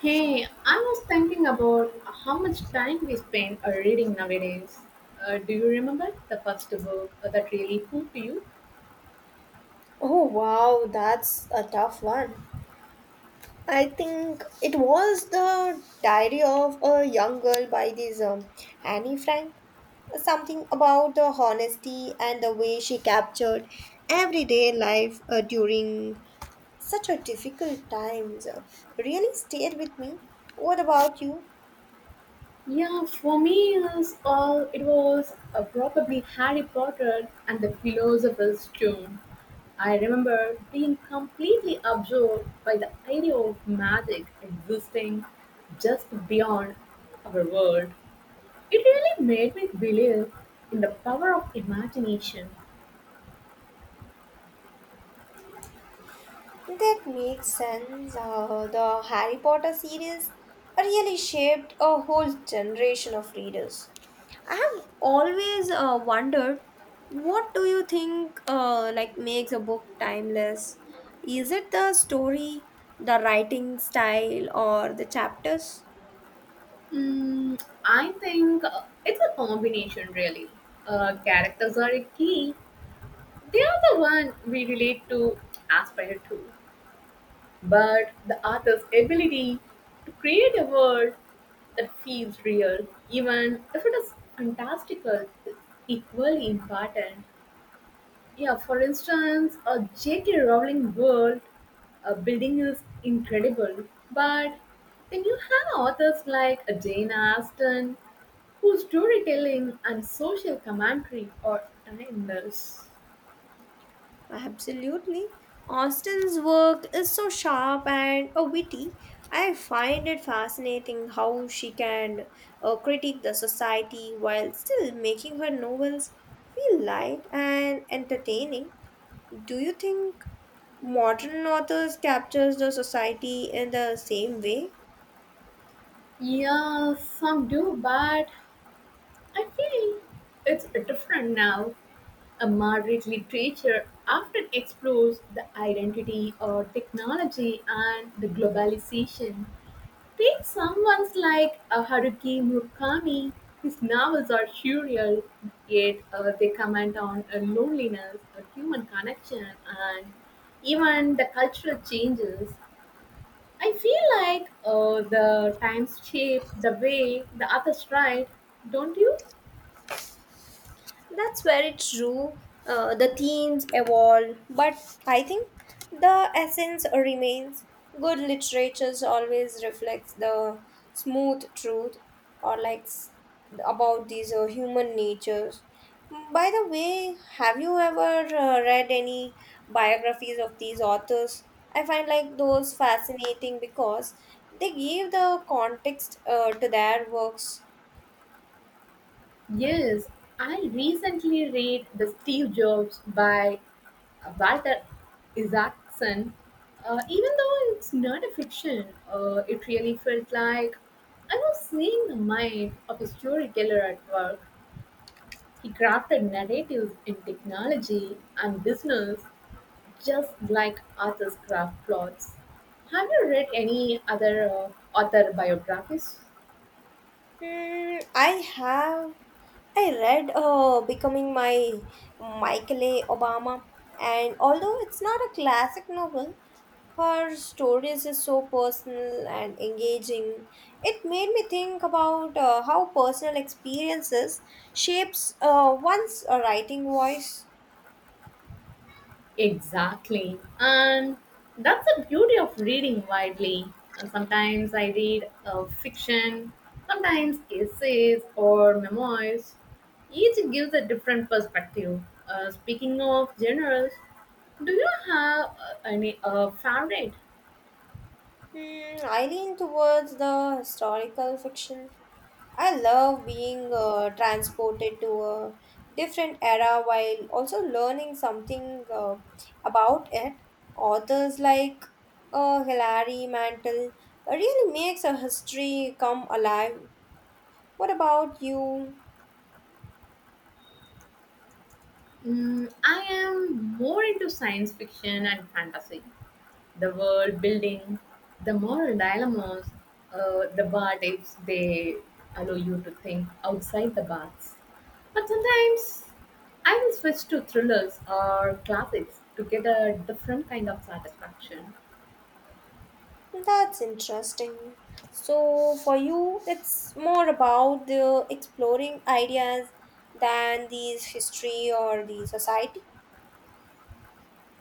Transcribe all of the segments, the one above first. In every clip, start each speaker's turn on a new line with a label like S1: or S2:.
S1: Hey, I was thinking about how much time we spend reading nowadays. Do you remember the first book that really hooked you?
S2: Oh wow, that's a tough one. I think it was the Diary of a Young Girl by this Annie Frank. Something about the honesty and the way she captured everyday life during such a difficult times really stayed with me. What about you?
S1: Yeah, for me, it was probably Harry Potter and the Philosopher's Stone. I remember being completely absorbed by the idea of magic existing just beyond our world. It really made me believe in the power of imagination.
S2: That makes sense. The Harry Potter series really shaped a whole generation of readers. I have always wondered, what do you think like makes a book timeless? Is it the story, the writing style or the chapters?
S1: Mm, I think it's a combination, really. Characters are a key. They are the one we relate to, aspire to. But the author's ability to create a world that feels real, even if it is fantastical, is equally important. Yeah, for instance, a J.K. Rowling world building is incredible, but then you have authors like Jane Austen whose storytelling and social commentary are timeless.
S2: Absolutely. Austin's work is so sharp and witty. I find it fascinating how she can critique the society while still making her novels feel light and entertaining. Do you think modern authors captures the society in the same way?
S1: Yeah, some do, but I think it's different now. A moderate literature often explores the identity or technology and the globalization. Take someone like Haruki Murakami. His novels are surreal, yet they comment on loneliness, human connection, and even the cultural changes. I feel like the times shape the way the others write, don't you?
S2: That's very true. The themes evolve, but I think the essence remains. Good literature always reflects the smooth truth or like about these human natures. By the way, have you ever read any biographies of these authors? I find like those fascinating because they give the context to their works.
S1: Yes, I recently read The Steve Jobs by Walter Isaacson. Even though it's not a fiction, it really felt like I was seeing the mind of a storyteller at work. He crafted narratives in technology and business just like Arthur's craft plots. Have you read any other author biographies?
S2: Hmm, I read Becoming My Michael A. Obama, and although it's not a classic novel, her stories is so personal and engaging. It made me think about how personal experiences shapes one's writing voice.
S1: Exactly. And that's the beauty of reading widely. And sometimes I read fiction, sometimes essays or memoirs. Each gives a different perspective. Speaking of genres, do you have any favorite?
S2: Hmm, I lean towards the historical fiction. I love being transported to a different era while also learning something about it. Authors like Hilary Mantel really makes a history come alive. What about you?
S1: Mm, I am more into science fiction and fantasy. The world building, the moral dilemmas, the what ifs, they allow you to think outside the box. But sometimes I will switch to thrillers or classics to get a different kind of satisfaction.
S2: That's interesting. So for you, it's more about the exploring ideas than these history or the society.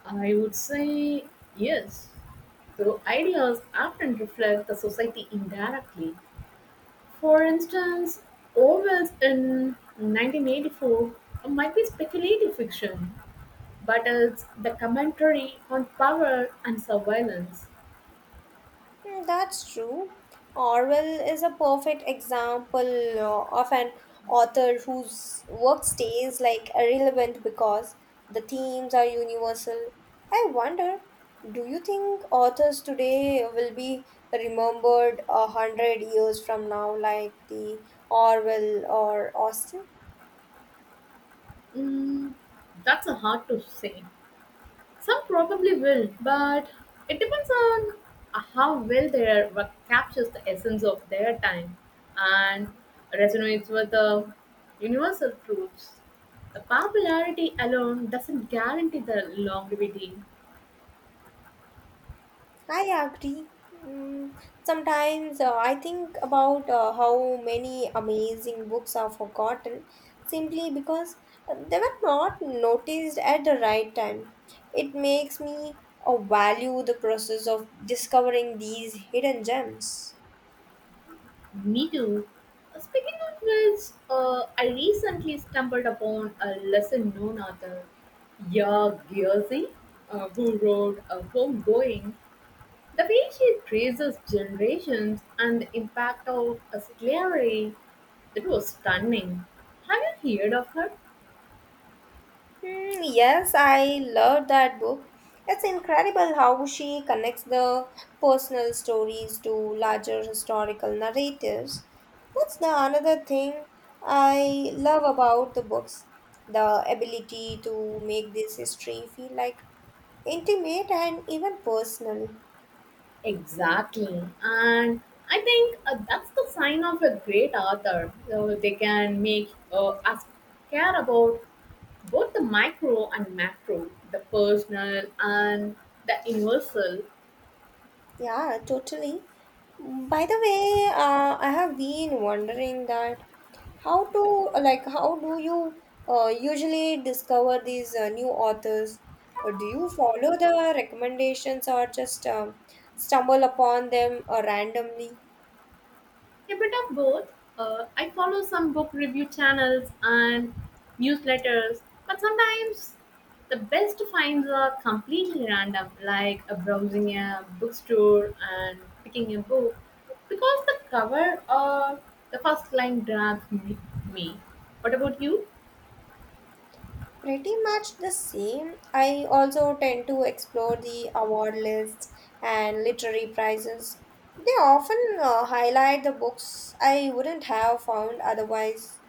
S1: I would say yes. So ideas often reflect the society indirectly. For instance, Orwell's in 1984 might be speculative fiction, but it's the commentary on power and surveillance.
S2: Mm, that's true. Orwell is a perfect example of an author whose work stays like irrelevant because the themes are universal. I wonder, do you think authors today will be remembered a hundred years from now, like the Orwell or Austen?
S1: Mm, that's a hard to say. Some probably will, but it depends on how well their work captures the essence of their time and resonates with the universal truths. The popularity alone doesn't guarantee the longevity.
S2: I agree. Mm, sometimes I think about how many amazing books are forgotten simply because they were not noticed at the right time. It makes me value the process of discovering these hidden gems.
S1: Me too. Speaking of which, I recently stumbled upon a lesser known author, Yaa Gyasi, who wrote Homegoing. The way she traces generations and the impact of a slavery, it was stunning. Have you heard of her?
S2: Hmm, yes, I love that book. It's incredible how she connects the personal stories to larger historical narratives. That's the another thing I love about the books, the ability to make this history feel like intimate and even personal.
S1: Exactly. And I think that's the sign of a great author. So they can make us care about both the micro and macro, the personal and the universal,
S2: Yeah, totally. By the way, I have been wondering that how to like how do you usually discover these new authors? Do you follow the recommendations or just stumble upon them randomly?
S1: a bit of both. I follow some book review channels and newsletters, but sometimes the best finds are completely random, like browsing a bookstore and picking a book because the cover or the first line grabs me. What about you?
S2: Pretty much the same. I also tend to explore the award lists and literary prizes. They often highlight the books I wouldn't have found otherwise.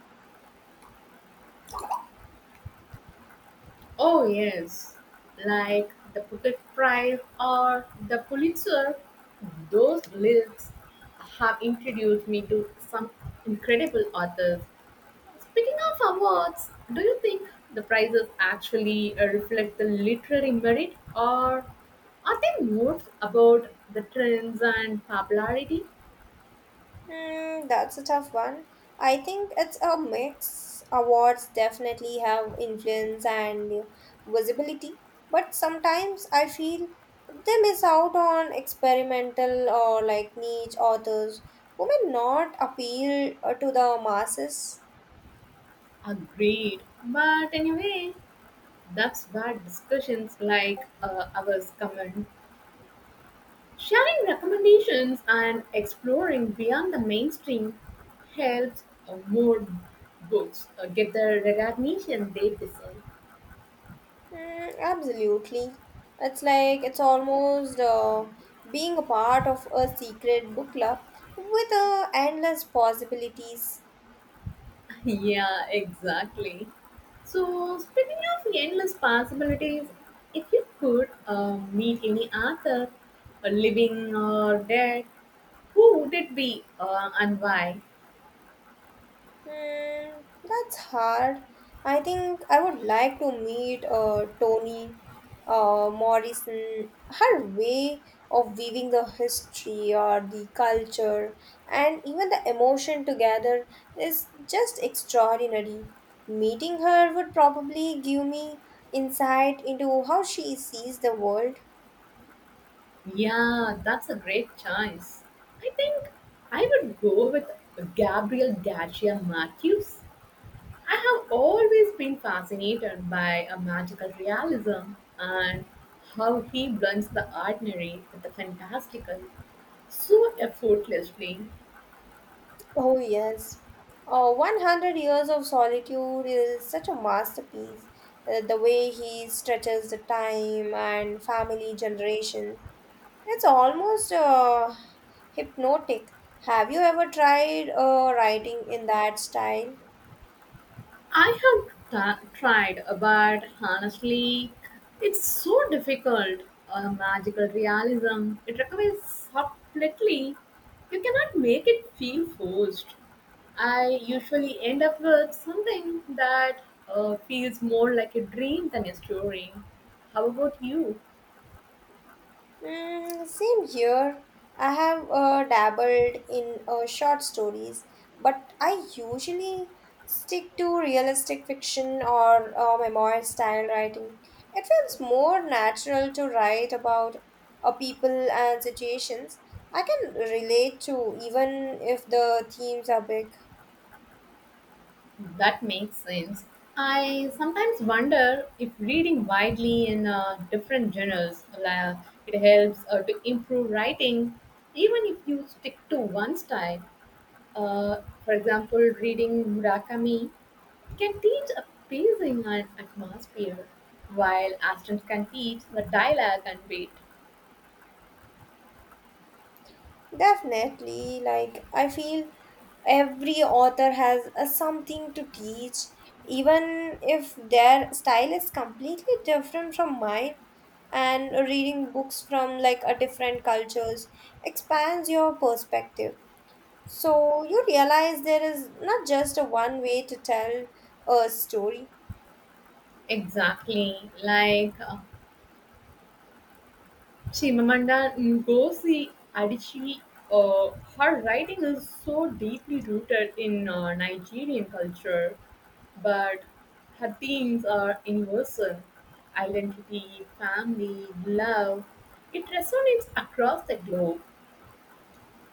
S1: Oh, yes, like the Putet Prize or the Pulitzer. Those lists have introduced me to some incredible authors. Speaking of awards, do you think the prizes actually reflect the literary merit or are they more about the trends and popularity?
S2: Hmm, that's a tough one. I think it's a mix. Awards definitely have influence and visibility, but sometimes I feel they miss out on experimental or like niche authors who may not appeal to the masses.
S1: Agreed. But anyway, that's where discussions like ours come in. Sharing recommendations and exploring beyond the mainstream helps more books get the recognition they deserve.
S2: Mm, absolutely. It's like it's almost being a part of a secret book club with endless possibilities.
S1: Yeah, exactly. So, speaking of endless possibilities, if you could meet any author, living or dead, who would it be and why?
S2: Hmm, that's hard. I think I would like to meet Toni Morrison. Her way of weaving the history or the culture and even the emotion together is just extraordinary. Meeting her would probably give me insight into how she sees the world.
S1: Yeah, that's a great choice. I think I would go with Gabriel Garcia Marquez. I have always been fascinated by a magical realism and how he blends the ordinary with the fantastical so effortlessly.
S2: Oh, yes. 100 Years of Solitude is such a masterpiece. The way he stretches the time and family generations, it's almost hypnotic. Have you ever tried writing in that style?
S1: Tried, but honestly, it's so difficult. A magical realism it requires subtlety. You cannot make it feel forced. I usually end up with something that feels more like a dream than a story. How about you?
S2: Mm, same here. I have dabbled in short stories, but I usually stick to realistic fiction or memoir style writing. It feels more natural to write about people and situations I can relate to, even if the themes are big.
S1: That makes sense. I sometimes wonder if reading widely in different genres like, it helps to improve writing, even if you stick to one style. For example, reading Murakami can teach a pacing and atmosphere, while Aston can teach the dialogue and beat.
S2: Definitely, like I feel every author has a something to teach, even if their style is completely different from mine. And reading books from like a different cultures expands your perspective. So you realize there is not just a one way to tell a story.
S1: Exactly. Like Chimamanda Ngozi Adichie, uh, her writing is so deeply rooted in Nigerian culture, but her themes are universal identity, family, love. It resonates across the globe.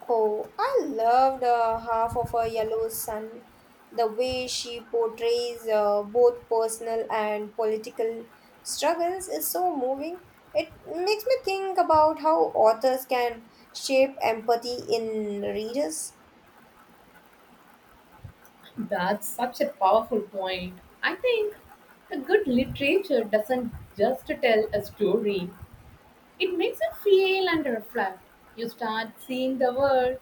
S2: Oh, I loved half of a yellow sun. The way she portrays both personal and political struggles is so moving. It makes me think about how authors can shape empathy in readers.
S1: That's such a powerful point. I think a good literature doesn't just tell a story, it makes you feel and reflect. You start seeing the world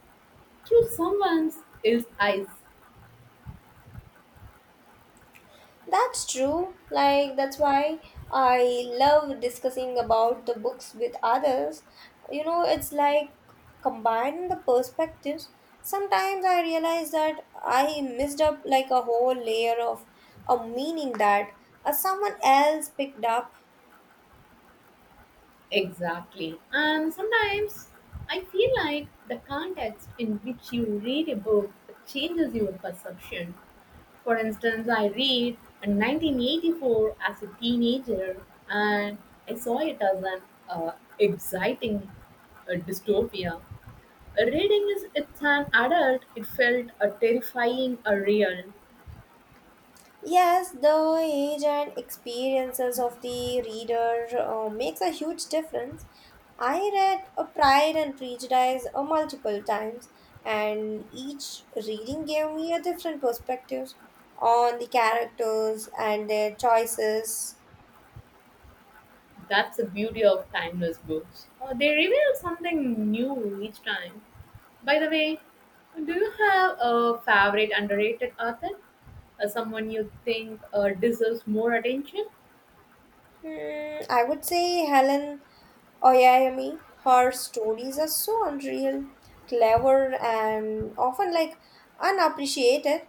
S1: through someone else's eyes.
S2: That's true. Like, that's why I love discussing about the books with others. You know, it's like combining the perspectives. Sometimes I realize that I missed up like a whole layer of a meaning that someone else picked up.
S1: Exactly. And sometimes I feel like the context in which you read a book changes your perception. For instance, I read a 1984 as a teenager and I saw it as an uh, exciting dystopia. Reading is it's an adult, it felt terrifying, a real.
S2: Yes, the age and experiences of the reader makes a huge difference. I read a Pride and Prejudice multiple times, and each reading gave me a different perspective on the characters and their choices.
S1: That's the beauty of timeless books. They reveal something new each time. By the way, do you have a favorite underrated author? Someone you think deserves more attention?
S2: Hmm, I would say Helen Oyayami, her stories are so unreal, clever, and often like unappreciated.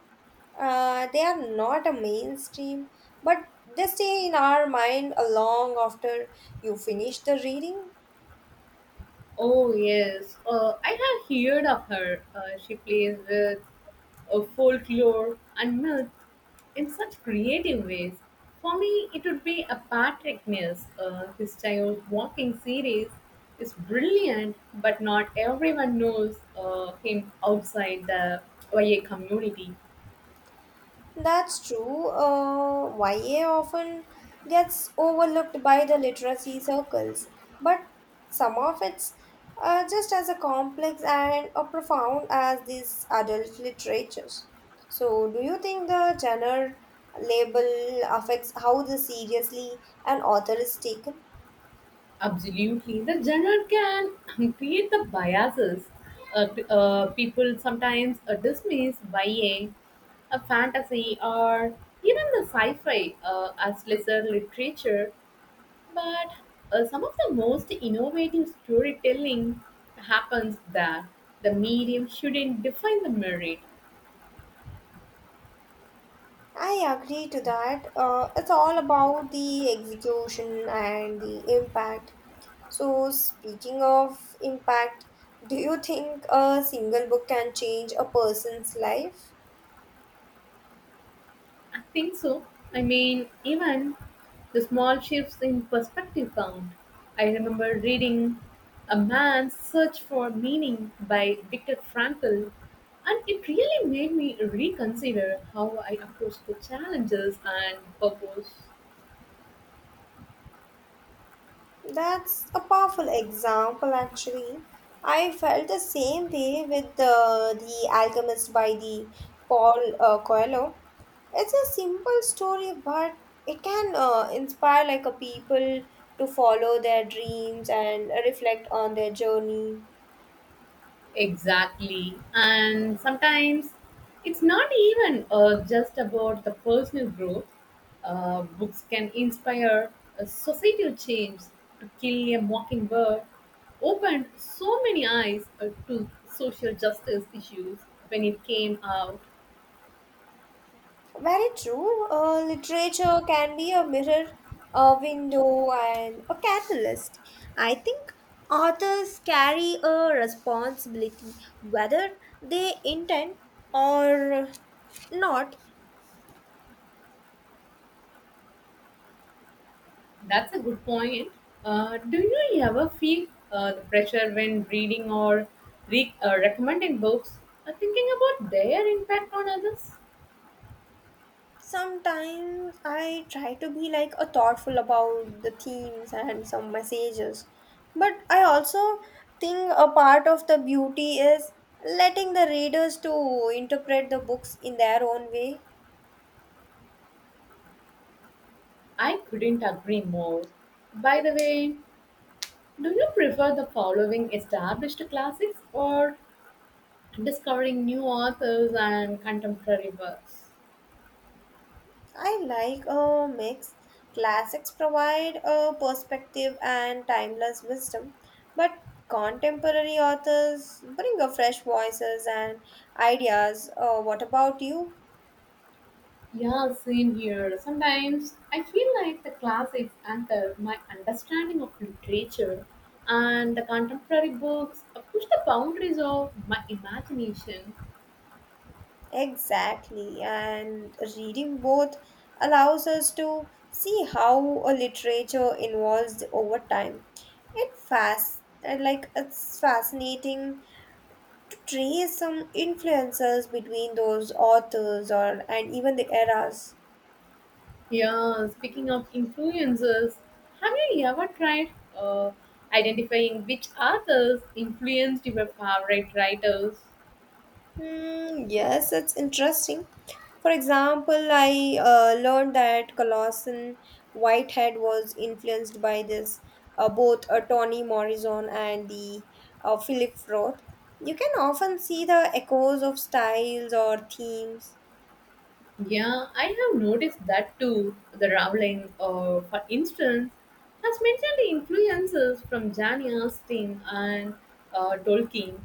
S2: They are not a mainstream, but they stay in our mind long after you finish the reading.
S1: Oh, yes. I have heard of her. She plays with folklore and myth in such creative ways. For me, it would be a Patrick Mills. His child walking series is brilliant, but not everyone knows him outside the YA community.
S2: That's true. YA often gets overlooked by the literacy circles, but some of it's just as a complex and a profound as these adult literatures. So, do you think the genre label affects how the seriously an author is taken?
S1: Absolutely, the genre can create the biases. People sometimes dismiss YA, a fantasy, or even the sci-fi as lesser literature. But some of the most innovative storytelling happens there. The medium shouldn't define the merit.
S2: I agree to that. It's all about the execution and the impact. So, speaking of impact, do you think a single book can change a person's life?
S1: I think so. I mean, even the small shifts in perspective count. I remember reading A Man's Search for Meaning by Viktor Frankl, and it really made me reconsider how I approach the challenges and purpose.
S2: That's a powerful example, actually. I felt the same way with The Alchemist by the Paul Coelho. It's a simple story, but it can inspire like a people to follow their dreams and reflect on their journey.
S1: Exactly. And sometimes it's not even just about the personal growth. Books can inspire a societal change. To Kill a Mockingbird opened so many eyes to social justice issues when it came out.
S2: Very true. Literature can be a mirror, a window, and a catalyst. I think authors carry a responsibility, whether they intend or not.
S1: That's a good point. Do you ever feel the pressure when reading or recommending books, thinking about their impact on others?
S2: Sometimes I try to be like a thoughtful about the themes and some messages. But I also think a part of the beauty is letting the readers to interpret the books in their own way.
S1: I couldn't agree more. By the way, do you prefer the following established classics or discovering new authors and contemporary works?
S2: I like a mix. Classics provide a perspective and timeless wisdom, but contemporary authors bring a fresh voices and ideas. What about you?
S1: Yeah, same here. Sometimes I feel like the classics anchor my understanding of literature, and the contemporary books push the boundaries of my imagination.
S2: Exactly, and reading both allows us to see how a literature evolves over time. It fast like It's fascinating to trace some influences between those authors or and even the eras.
S1: Yeah, speaking of influencers, have you ever tried uh, identifying which authors influenced your favorite writers?
S2: Hmm, yes, it's interesting. For example, I learned that Colossan Whitehead was influenced by this both Toni Morrison and the Philip Roth. You can often see the echoes of styles or themes.
S1: Yeah, I have noticed that too. The Rowling, for instance, has mentioned the influences from Jane Austen and Tolkien.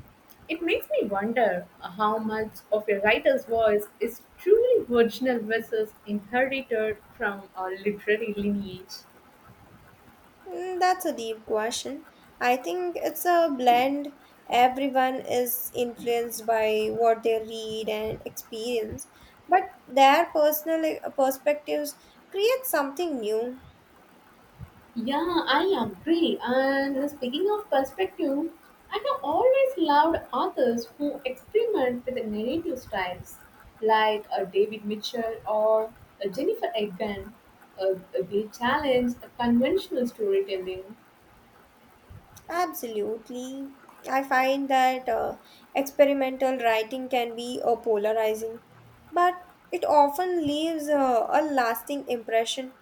S1: It makes me wonder how much of a writer's voice is truly original versus inherited from a literary lineage.
S2: Mm, that's a deep question. I think it's a blend. Everyone is influenced by what they read and experience, but their personal perspectives create something new.
S1: Yeah, I agree. And speaking of perspective, I have always loved authors who experiment with narrative styles, like David Mitchell or Jennifer Egan. They challenge the conventional storytelling.
S2: Absolutely. I find that experimental writing can be polarizing, but it often leaves a lasting impression.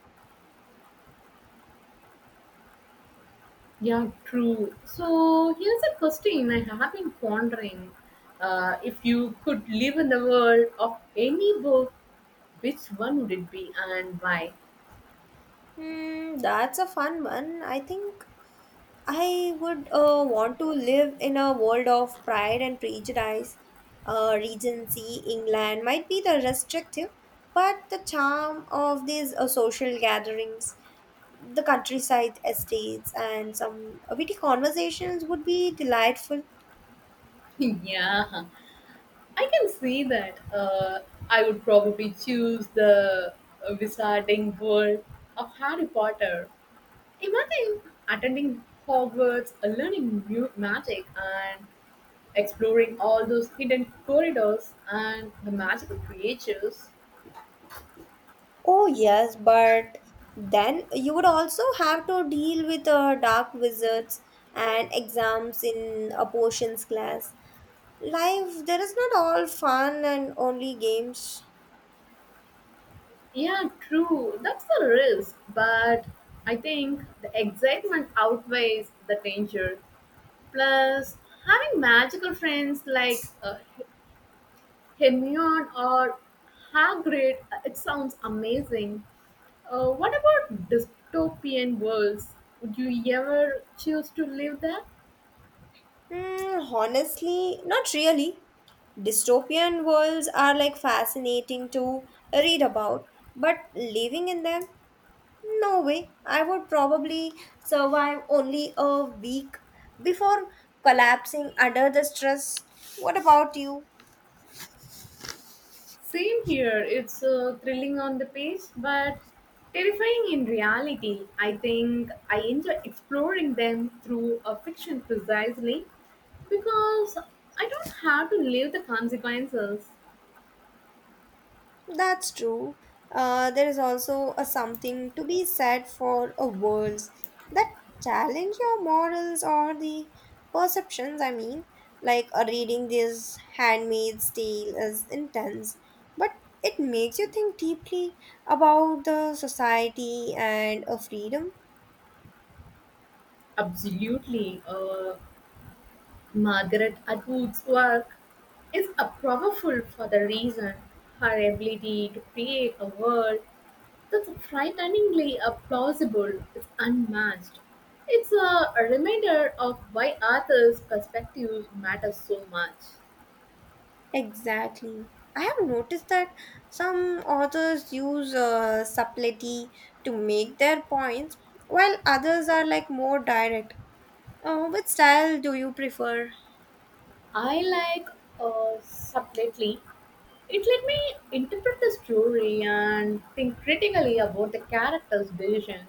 S1: Yeah, true. So here's a question I have been pondering. If you could live in the world of any book, which one would it be and why?
S2: Hmm, that's a fun one. I think I would want to live in a world of pride and prejudice. Regency, England might be the restrictive, but the charm of these social gatherings, the countryside estates, and some witty conversations would be delightful.
S1: Yeah, I can see that. I would probably choose the wizarding world of Harry Potter. Imagine attending Hogwarts, learning magic, and exploring all those hidden corridors and the magical creatures.
S2: Oh, yes, but then you would also have to deal with dark wizards and exams in a potions class. Life, there is not all fun and only games.
S1: Yeah, true. That's the risk, but I think the excitement outweighs the danger. Plus, having magical friends like Hermione or Hagrid, it sounds amazing. What about dystopian worlds? Would you ever choose to live there?
S2: Hmm, honestly, not really. Dystopian worlds are like fascinating to read about, but living in them, no way. I would probably survive only a week before collapsing under the stress. What about you?
S1: Same here. It's thrilling on the page, but terrifying in reality. I think I enjoy exploring them through a fiction precisely because I don't have to live the consequences.
S2: That's true. There is also a something to be said for a worlds that challenge your morals or the perceptions. I mean, like reading this Handmaid's Tale is intense, but it makes you think deeply about the society and a freedom.
S1: Absolutely. Margaret Atwood's work is a powerful for the reason her ability to create a world that's frighteningly plausible is unmatched. It's a reminder of why authors' perspectives matter so much.
S2: Exactly. I have noticed that some authors use subtlety to make their points, while others are like more direct. Oh, which style do you prefer?
S1: I like subtly. It let me interpret the story and think critically about the character's decisions.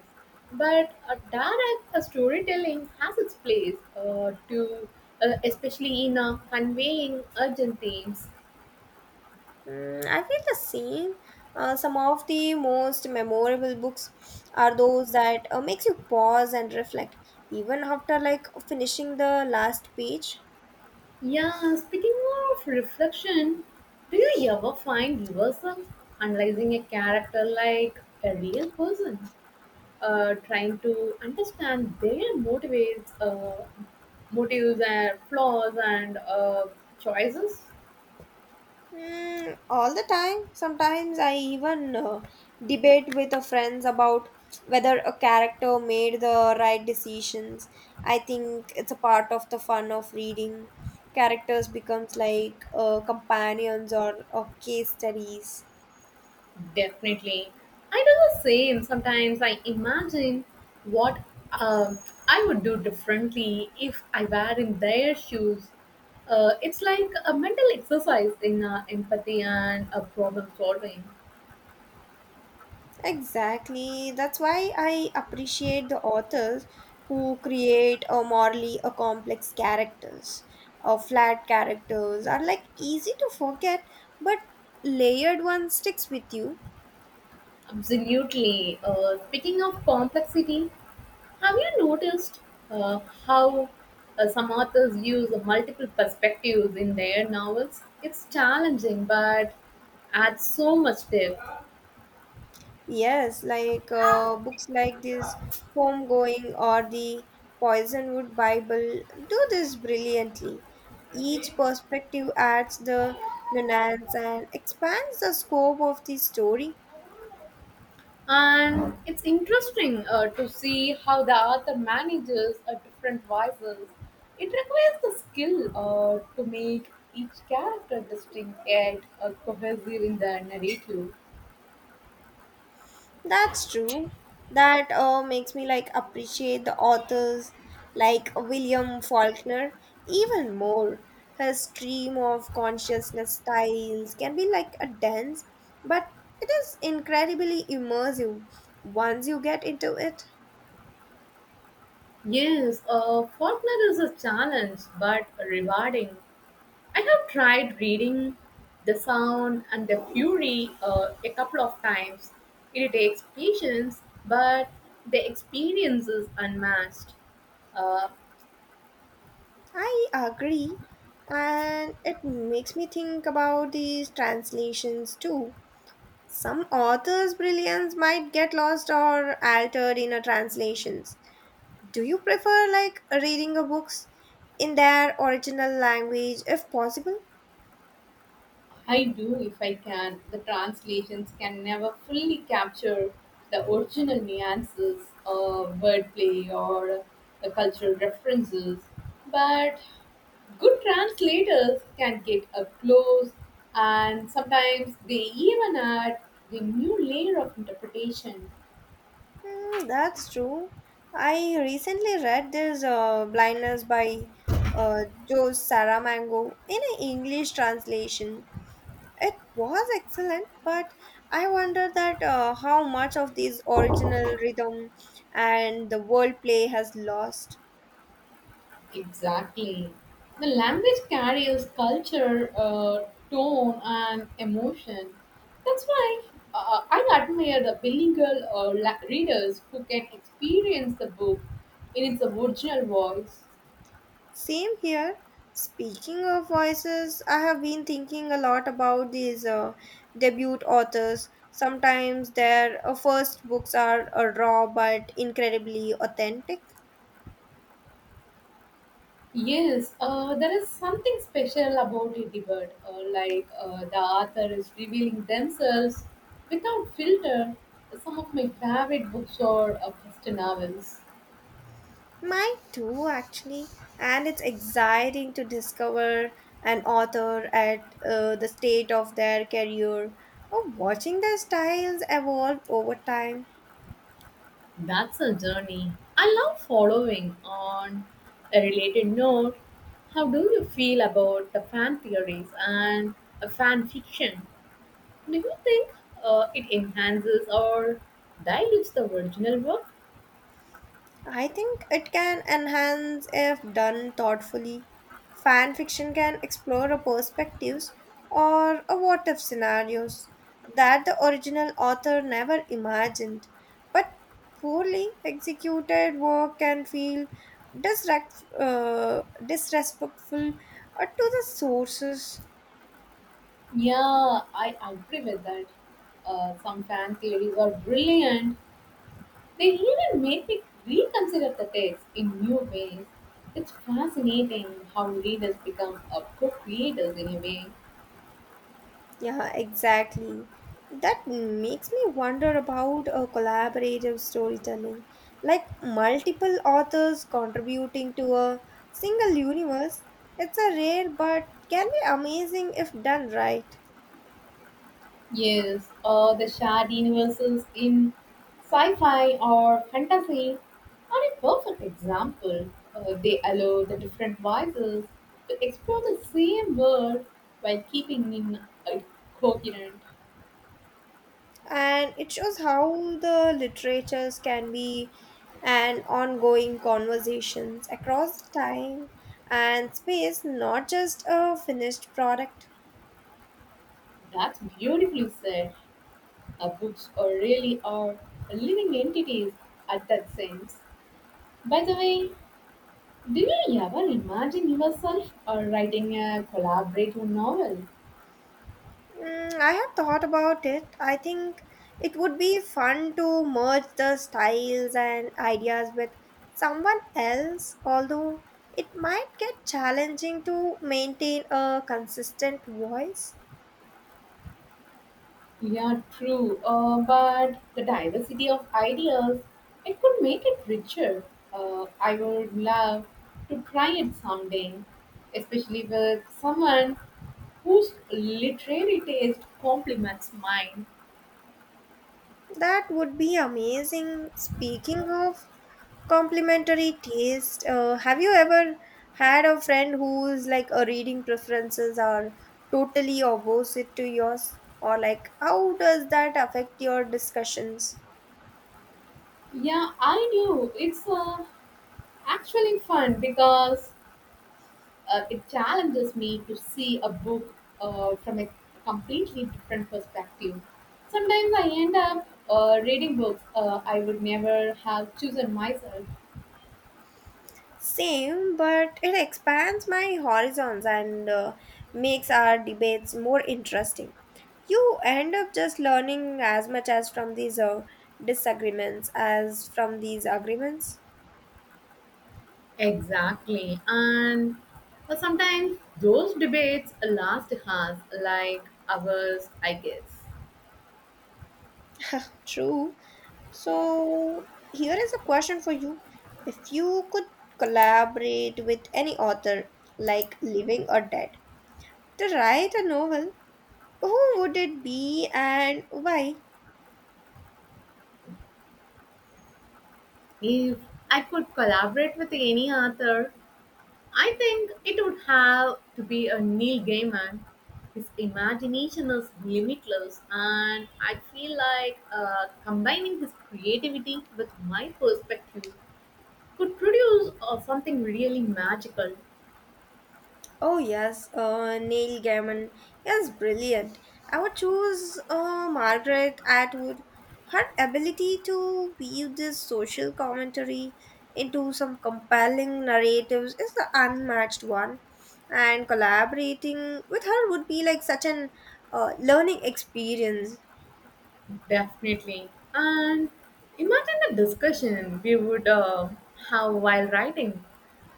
S1: But a direct a storytelling has its place, to especially in conveying urgent themes.
S2: Mm, I feel the same. Some of the most memorable books are those that makes you pause and reflect, even after like finishing the last page.
S1: Yeah, speaking of reflection, do you ever find yourself analyzing a character like a real person? Trying to understand their motives and flaws and choices?
S2: Mm, all the time. Sometimes I even debate with a friends about whether a character made the right decisions. I think it's a part of the fun of reading. Characters becomes like companions or case studies.
S1: Definitely. I do the same. Sometimes I imagine what um, I would do differently if I were in their shoes. It's like a mental exercise in empathy and problem solving.
S2: Exactly. That's why I appreciate the authors who create a morally a complex characters. Flat characters are like easy to forget, but layered one sticks with you.
S1: Absolutely. Speaking of complexity, have you noticed uh, how some authors use multiple perspectives in their novels? It's challenging, but adds so much depth.
S2: Yes, like books like this, Homegoing or the Poisonwood Bible do this brilliantly. Each perspective adds the nuance and expands the scope of the story.
S1: And it's interesting to see how the author manages different voices. It requires the skill to make each character distinct yet cohesive in the narrative.
S2: That's true. That makes me like appreciate the authors like William Faulkner even more. His stream of consciousness styles can be like a dense, but it is incredibly immersive once you get into it.
S1: Yes, Faulkner is a challenge, but rewarding. I have tried reading The Sound and the Fury a couple of times. It takes patience, but the experience is unmatched. Uh,
S2: I agree, and it makes me think about these translations too. Some authors' brilliance might get lost or altered in a translation. Do you prefer like reading a books in their original language if possible?
S1: I do if I can. The translations can never fully capture the original nuances of wordplay or the cultural references, but good translators can get up close and sometimes they even add the new layer of interpretation.
S2: Mm, that's true. I recently read this Blindness by uh, Joe Saramango in an English translation. It was excellent, but I wonder that how much of this original rhythm and the wordplay has lost.
S1: Exactly. The language carries culture, tone, and emotion. That's why I admire the bilingual readers who can experience the book in its original voice.
S2: Same here. Speaking of voices, I have been thinking a lot about these debut authors. Sometimes their first books are raw but incredibly authentic.
S1: Yes, there is something special about a debate, the author is revealing themselves without filter. Some of my favorite books are first novels.
S2: Mine too, actually. And it's exciting to discover an author at the state of their career or watching their styles evolve over time.
S1: That's a journey. I love following on a related note. How do you feel about the fan theories and fan fiction? Do you think it enhances or dilutes the original work?
S2: I think it can enhance if done thoughtfully. Fan fiction can explore a perspectives or a what if scenarios that the original author never imagined. But poorly executed work can feel disrespectful to the sources.
S1: Yeah, I agree with that. Some fan theories are brilliant. They even make me reconsider the text in new ways. It's fascinating how readers become a good creators in a way.
S2: Yeah, exactly. That makes me wonder about a collaborative storytelling, like multiple authors contributing to a single universe. It's a rare but can be amazing if done right.
S1: Yes, the shared universes in sci-fi or fantasy are a perfect example. They allow the different voices to explore the same world while keeping in uh, coherent.
S2: And it shows how the literatures can be an ongoing conversations across time and space, not just a finished product.
S1: That's beautifully said. Books are really are living entities at that sense. By the way, do you ever imagine yourself writing a collaborative novel?
S2: Mm, I have thought about it. I think it would be fun to merge the styles and ideas with someone else, although it might get challenging to maintain a consistent voice.
S1: Yeah, true. But the diversity of ideas, it could make it richer. I would love to try it someday, especially with someone whose literary taste complements mine.
S2: That would be amazing. Speaking of complementary taste, have you ever had a friend whose like a reading preferences are totally opposite to yours? Or like how does that affect your discussions?
S1: Yeah, I knew. It's actually fun because it challenges me to see a book from a completely different perspective. Sometimes I end up reading books I would never have chosen myself.
S2: Same, but it expands my horizons and makes our debates more interesting. You end up just learning as much as from these disagreements as from these agreements.
S1: Exactly. And sometimes those debates last us like hours, I guess.
S2: True. So, here is a question for you. If you could collaborate with any author, like living or dead, to write a novel, who would it be and why?
S1: If I could collaborate with any author, I think it would have to be a Neil Gaiman. His imagination is limitless, and I feel like combining his creativity with my perspective could produce something really magical.
S2: Oh yes, Neil Gaiman. Yes, brilliant. I would choose Margaret Atwood. Her ability to weave this social commentary into some compelling narratives is the unmatched one. And collaborating with her would be like such an learning experience.
S1: Definitely. And imagine the discussion we would have while writing,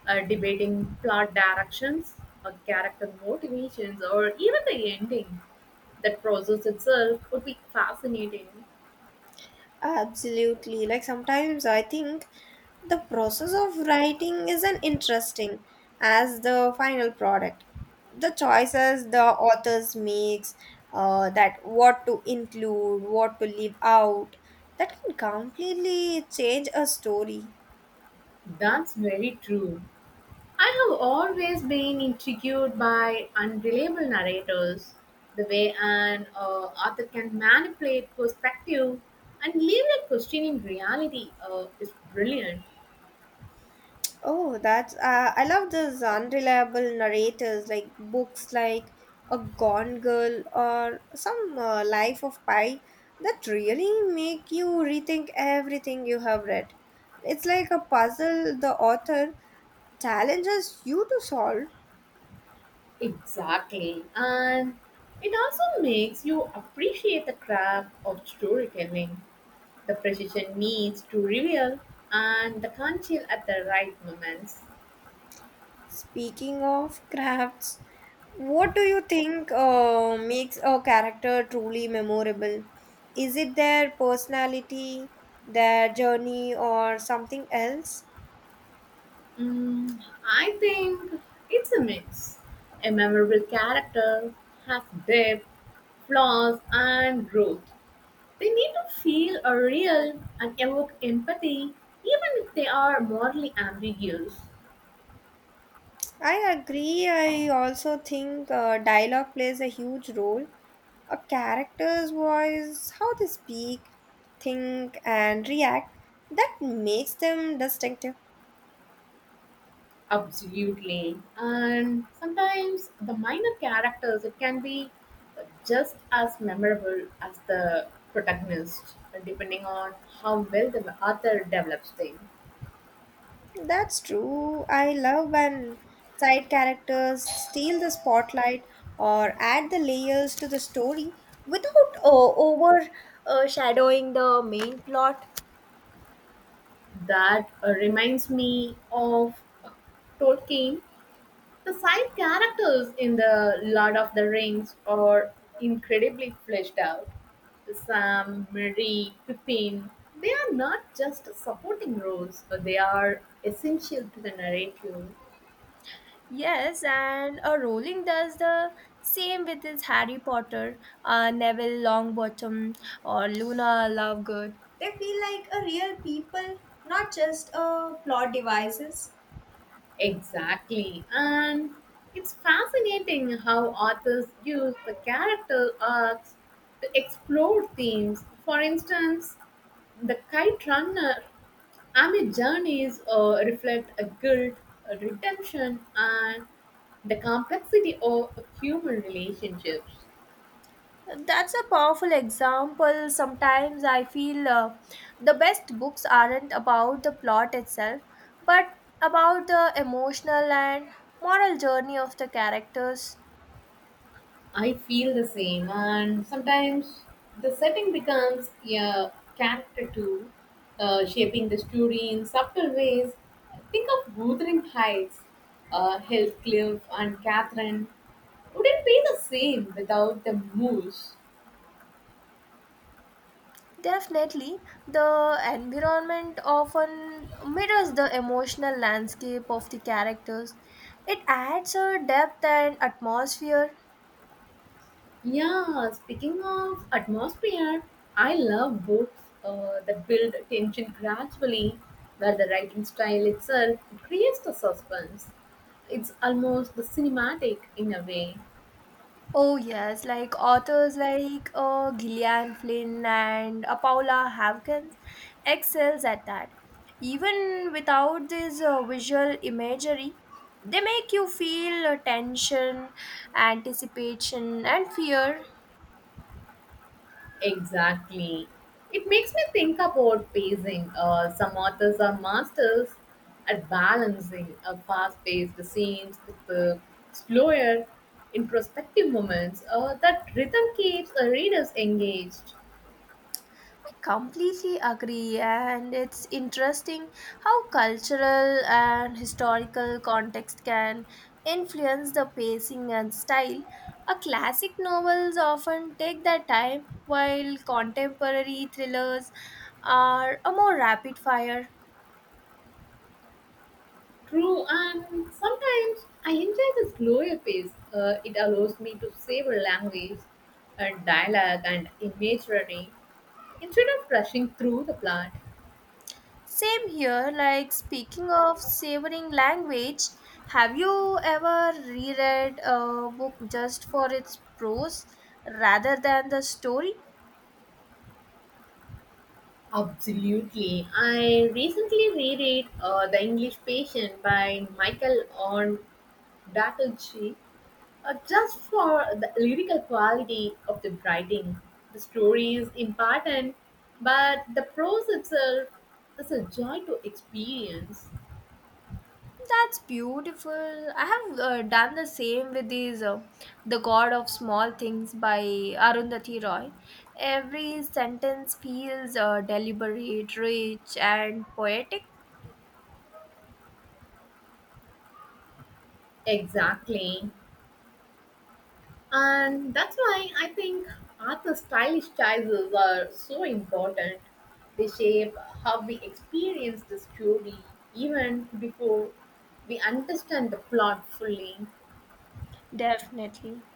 S1: debating plot directions, or character motivations, or even the ending. That process itself would be fascinating.
S2: Absolutely. Like sometimes I think the process of writing is an interesting as the final product. The choices the authors makes, that what to include, what to leave out, that can completely change a story.
S1: That's very true. I have always been intrigued by unreliable narrators, the way an author can manipulate perspective and leave you questioning reality is brilliant.
S2: Oh, that's I love those unreliable narrators like books like A Gone Girl or some Life of Pi that really make you rethink everything you have read. It's like a puzzle the author challenges you to solve.
S1: Exactly. And it also makes you appreciate the craft of storytelling, the precision needs to reveal, and the conceal at the right moments.
S2: Speaking of crafts, what do you think makes a character truly memorable? Is it their personality, their journey, or something else?
S1: Mm, I think it's a mix. A memorable character has depth, flaws, and growth. They need to feel a real and evoke empathy, even if they are morally ambiguous.
S2: I agree. I also think dialogue plays a huge role. A character's voice, how they speak, think, and react, that makes them distinctive.
S1: Absolutely. And sometimes the minor characters, it can be just as memorable as the protagonist, depending on how well the author develops them.
S2: That's true. I love when side characters steal the spotlight or add the layers to the story without overshadowing the main plot.
S1: That reminds me of Tolkien. The side characters in the Lord of the Rings are incredibly fleshed out. Sam, Marie, Pippin, they are not just supporting roles, but they are essential to the narrative.
S2: Yes, and Rowling does the same with his Harry Potter, Neville Longbottom, or Luna Lovegood. They feel like a real people, not just plot devices.
S1: Exactly. And it's fascinating how authors use the character arcs to explore themes. For instance, the kite runner Amit journeys reflect a guilt, a redemption, and the complexity of human relationships.
S2: That's a powerful example. Sometimes I feel the best books aren't about the plot itself, but about the emotional and moral journey of the characters.
S1: I feel the same, and sometimes the setting becomes a character too, shaping the story in subtle ways. Think of Wuthering Heights, Heathcliff, and Catherine wouldn't be the same without the moose.
S2: Definitely, the environment often mirrors the emotional landscape of the characters. It adds a depth and atmosphere.
S1: Yeah, speaking of atmosphere, I love books that build tension gradually, where the writing style itself creates the suspense. It's almost the cinematic in a way.
S2: Oh yes, like authors like Gillian Flynn and Paula Hawkins excels at that. Even without this visual imagery, they make you feel tension, anticipation, and fear.
S1: Exactly. It makes me think about pacing. Some authors are masters at balancing a fast-paced scenes with the slower, introspective moments. That rhythm keeps readers engaged.
S2: I completely agree, and it's interesting how cultural and historical context can influence the pacing and style. A classic novels often take their time, while contemporary thrillers are a more rapid fire.
S1: True, and sometimes I enjoy the slower pace. It allows me to savor language and dialogue and imagery instead of rushing through the plot.
S2: Same here, like speaking of savoring language, have you ever reread a book just for its prose rather than the story?
S1: Absolutely. I recently reread The English Patient by Michael on Dattlechi just for the lyrical quality of the writing. The story is important, but the prose itself is a joy to experience.
S2: That's beautiful. I have done the same with these The God of Small Things by Arundhati Roy. Every sentence feels deliberate, rich, and poetic.
S1: Exactly. And that's why I think Arthur's stylish choices are so important. They shape how we experience the story even before we understand the plot fully.
S2: Definitely.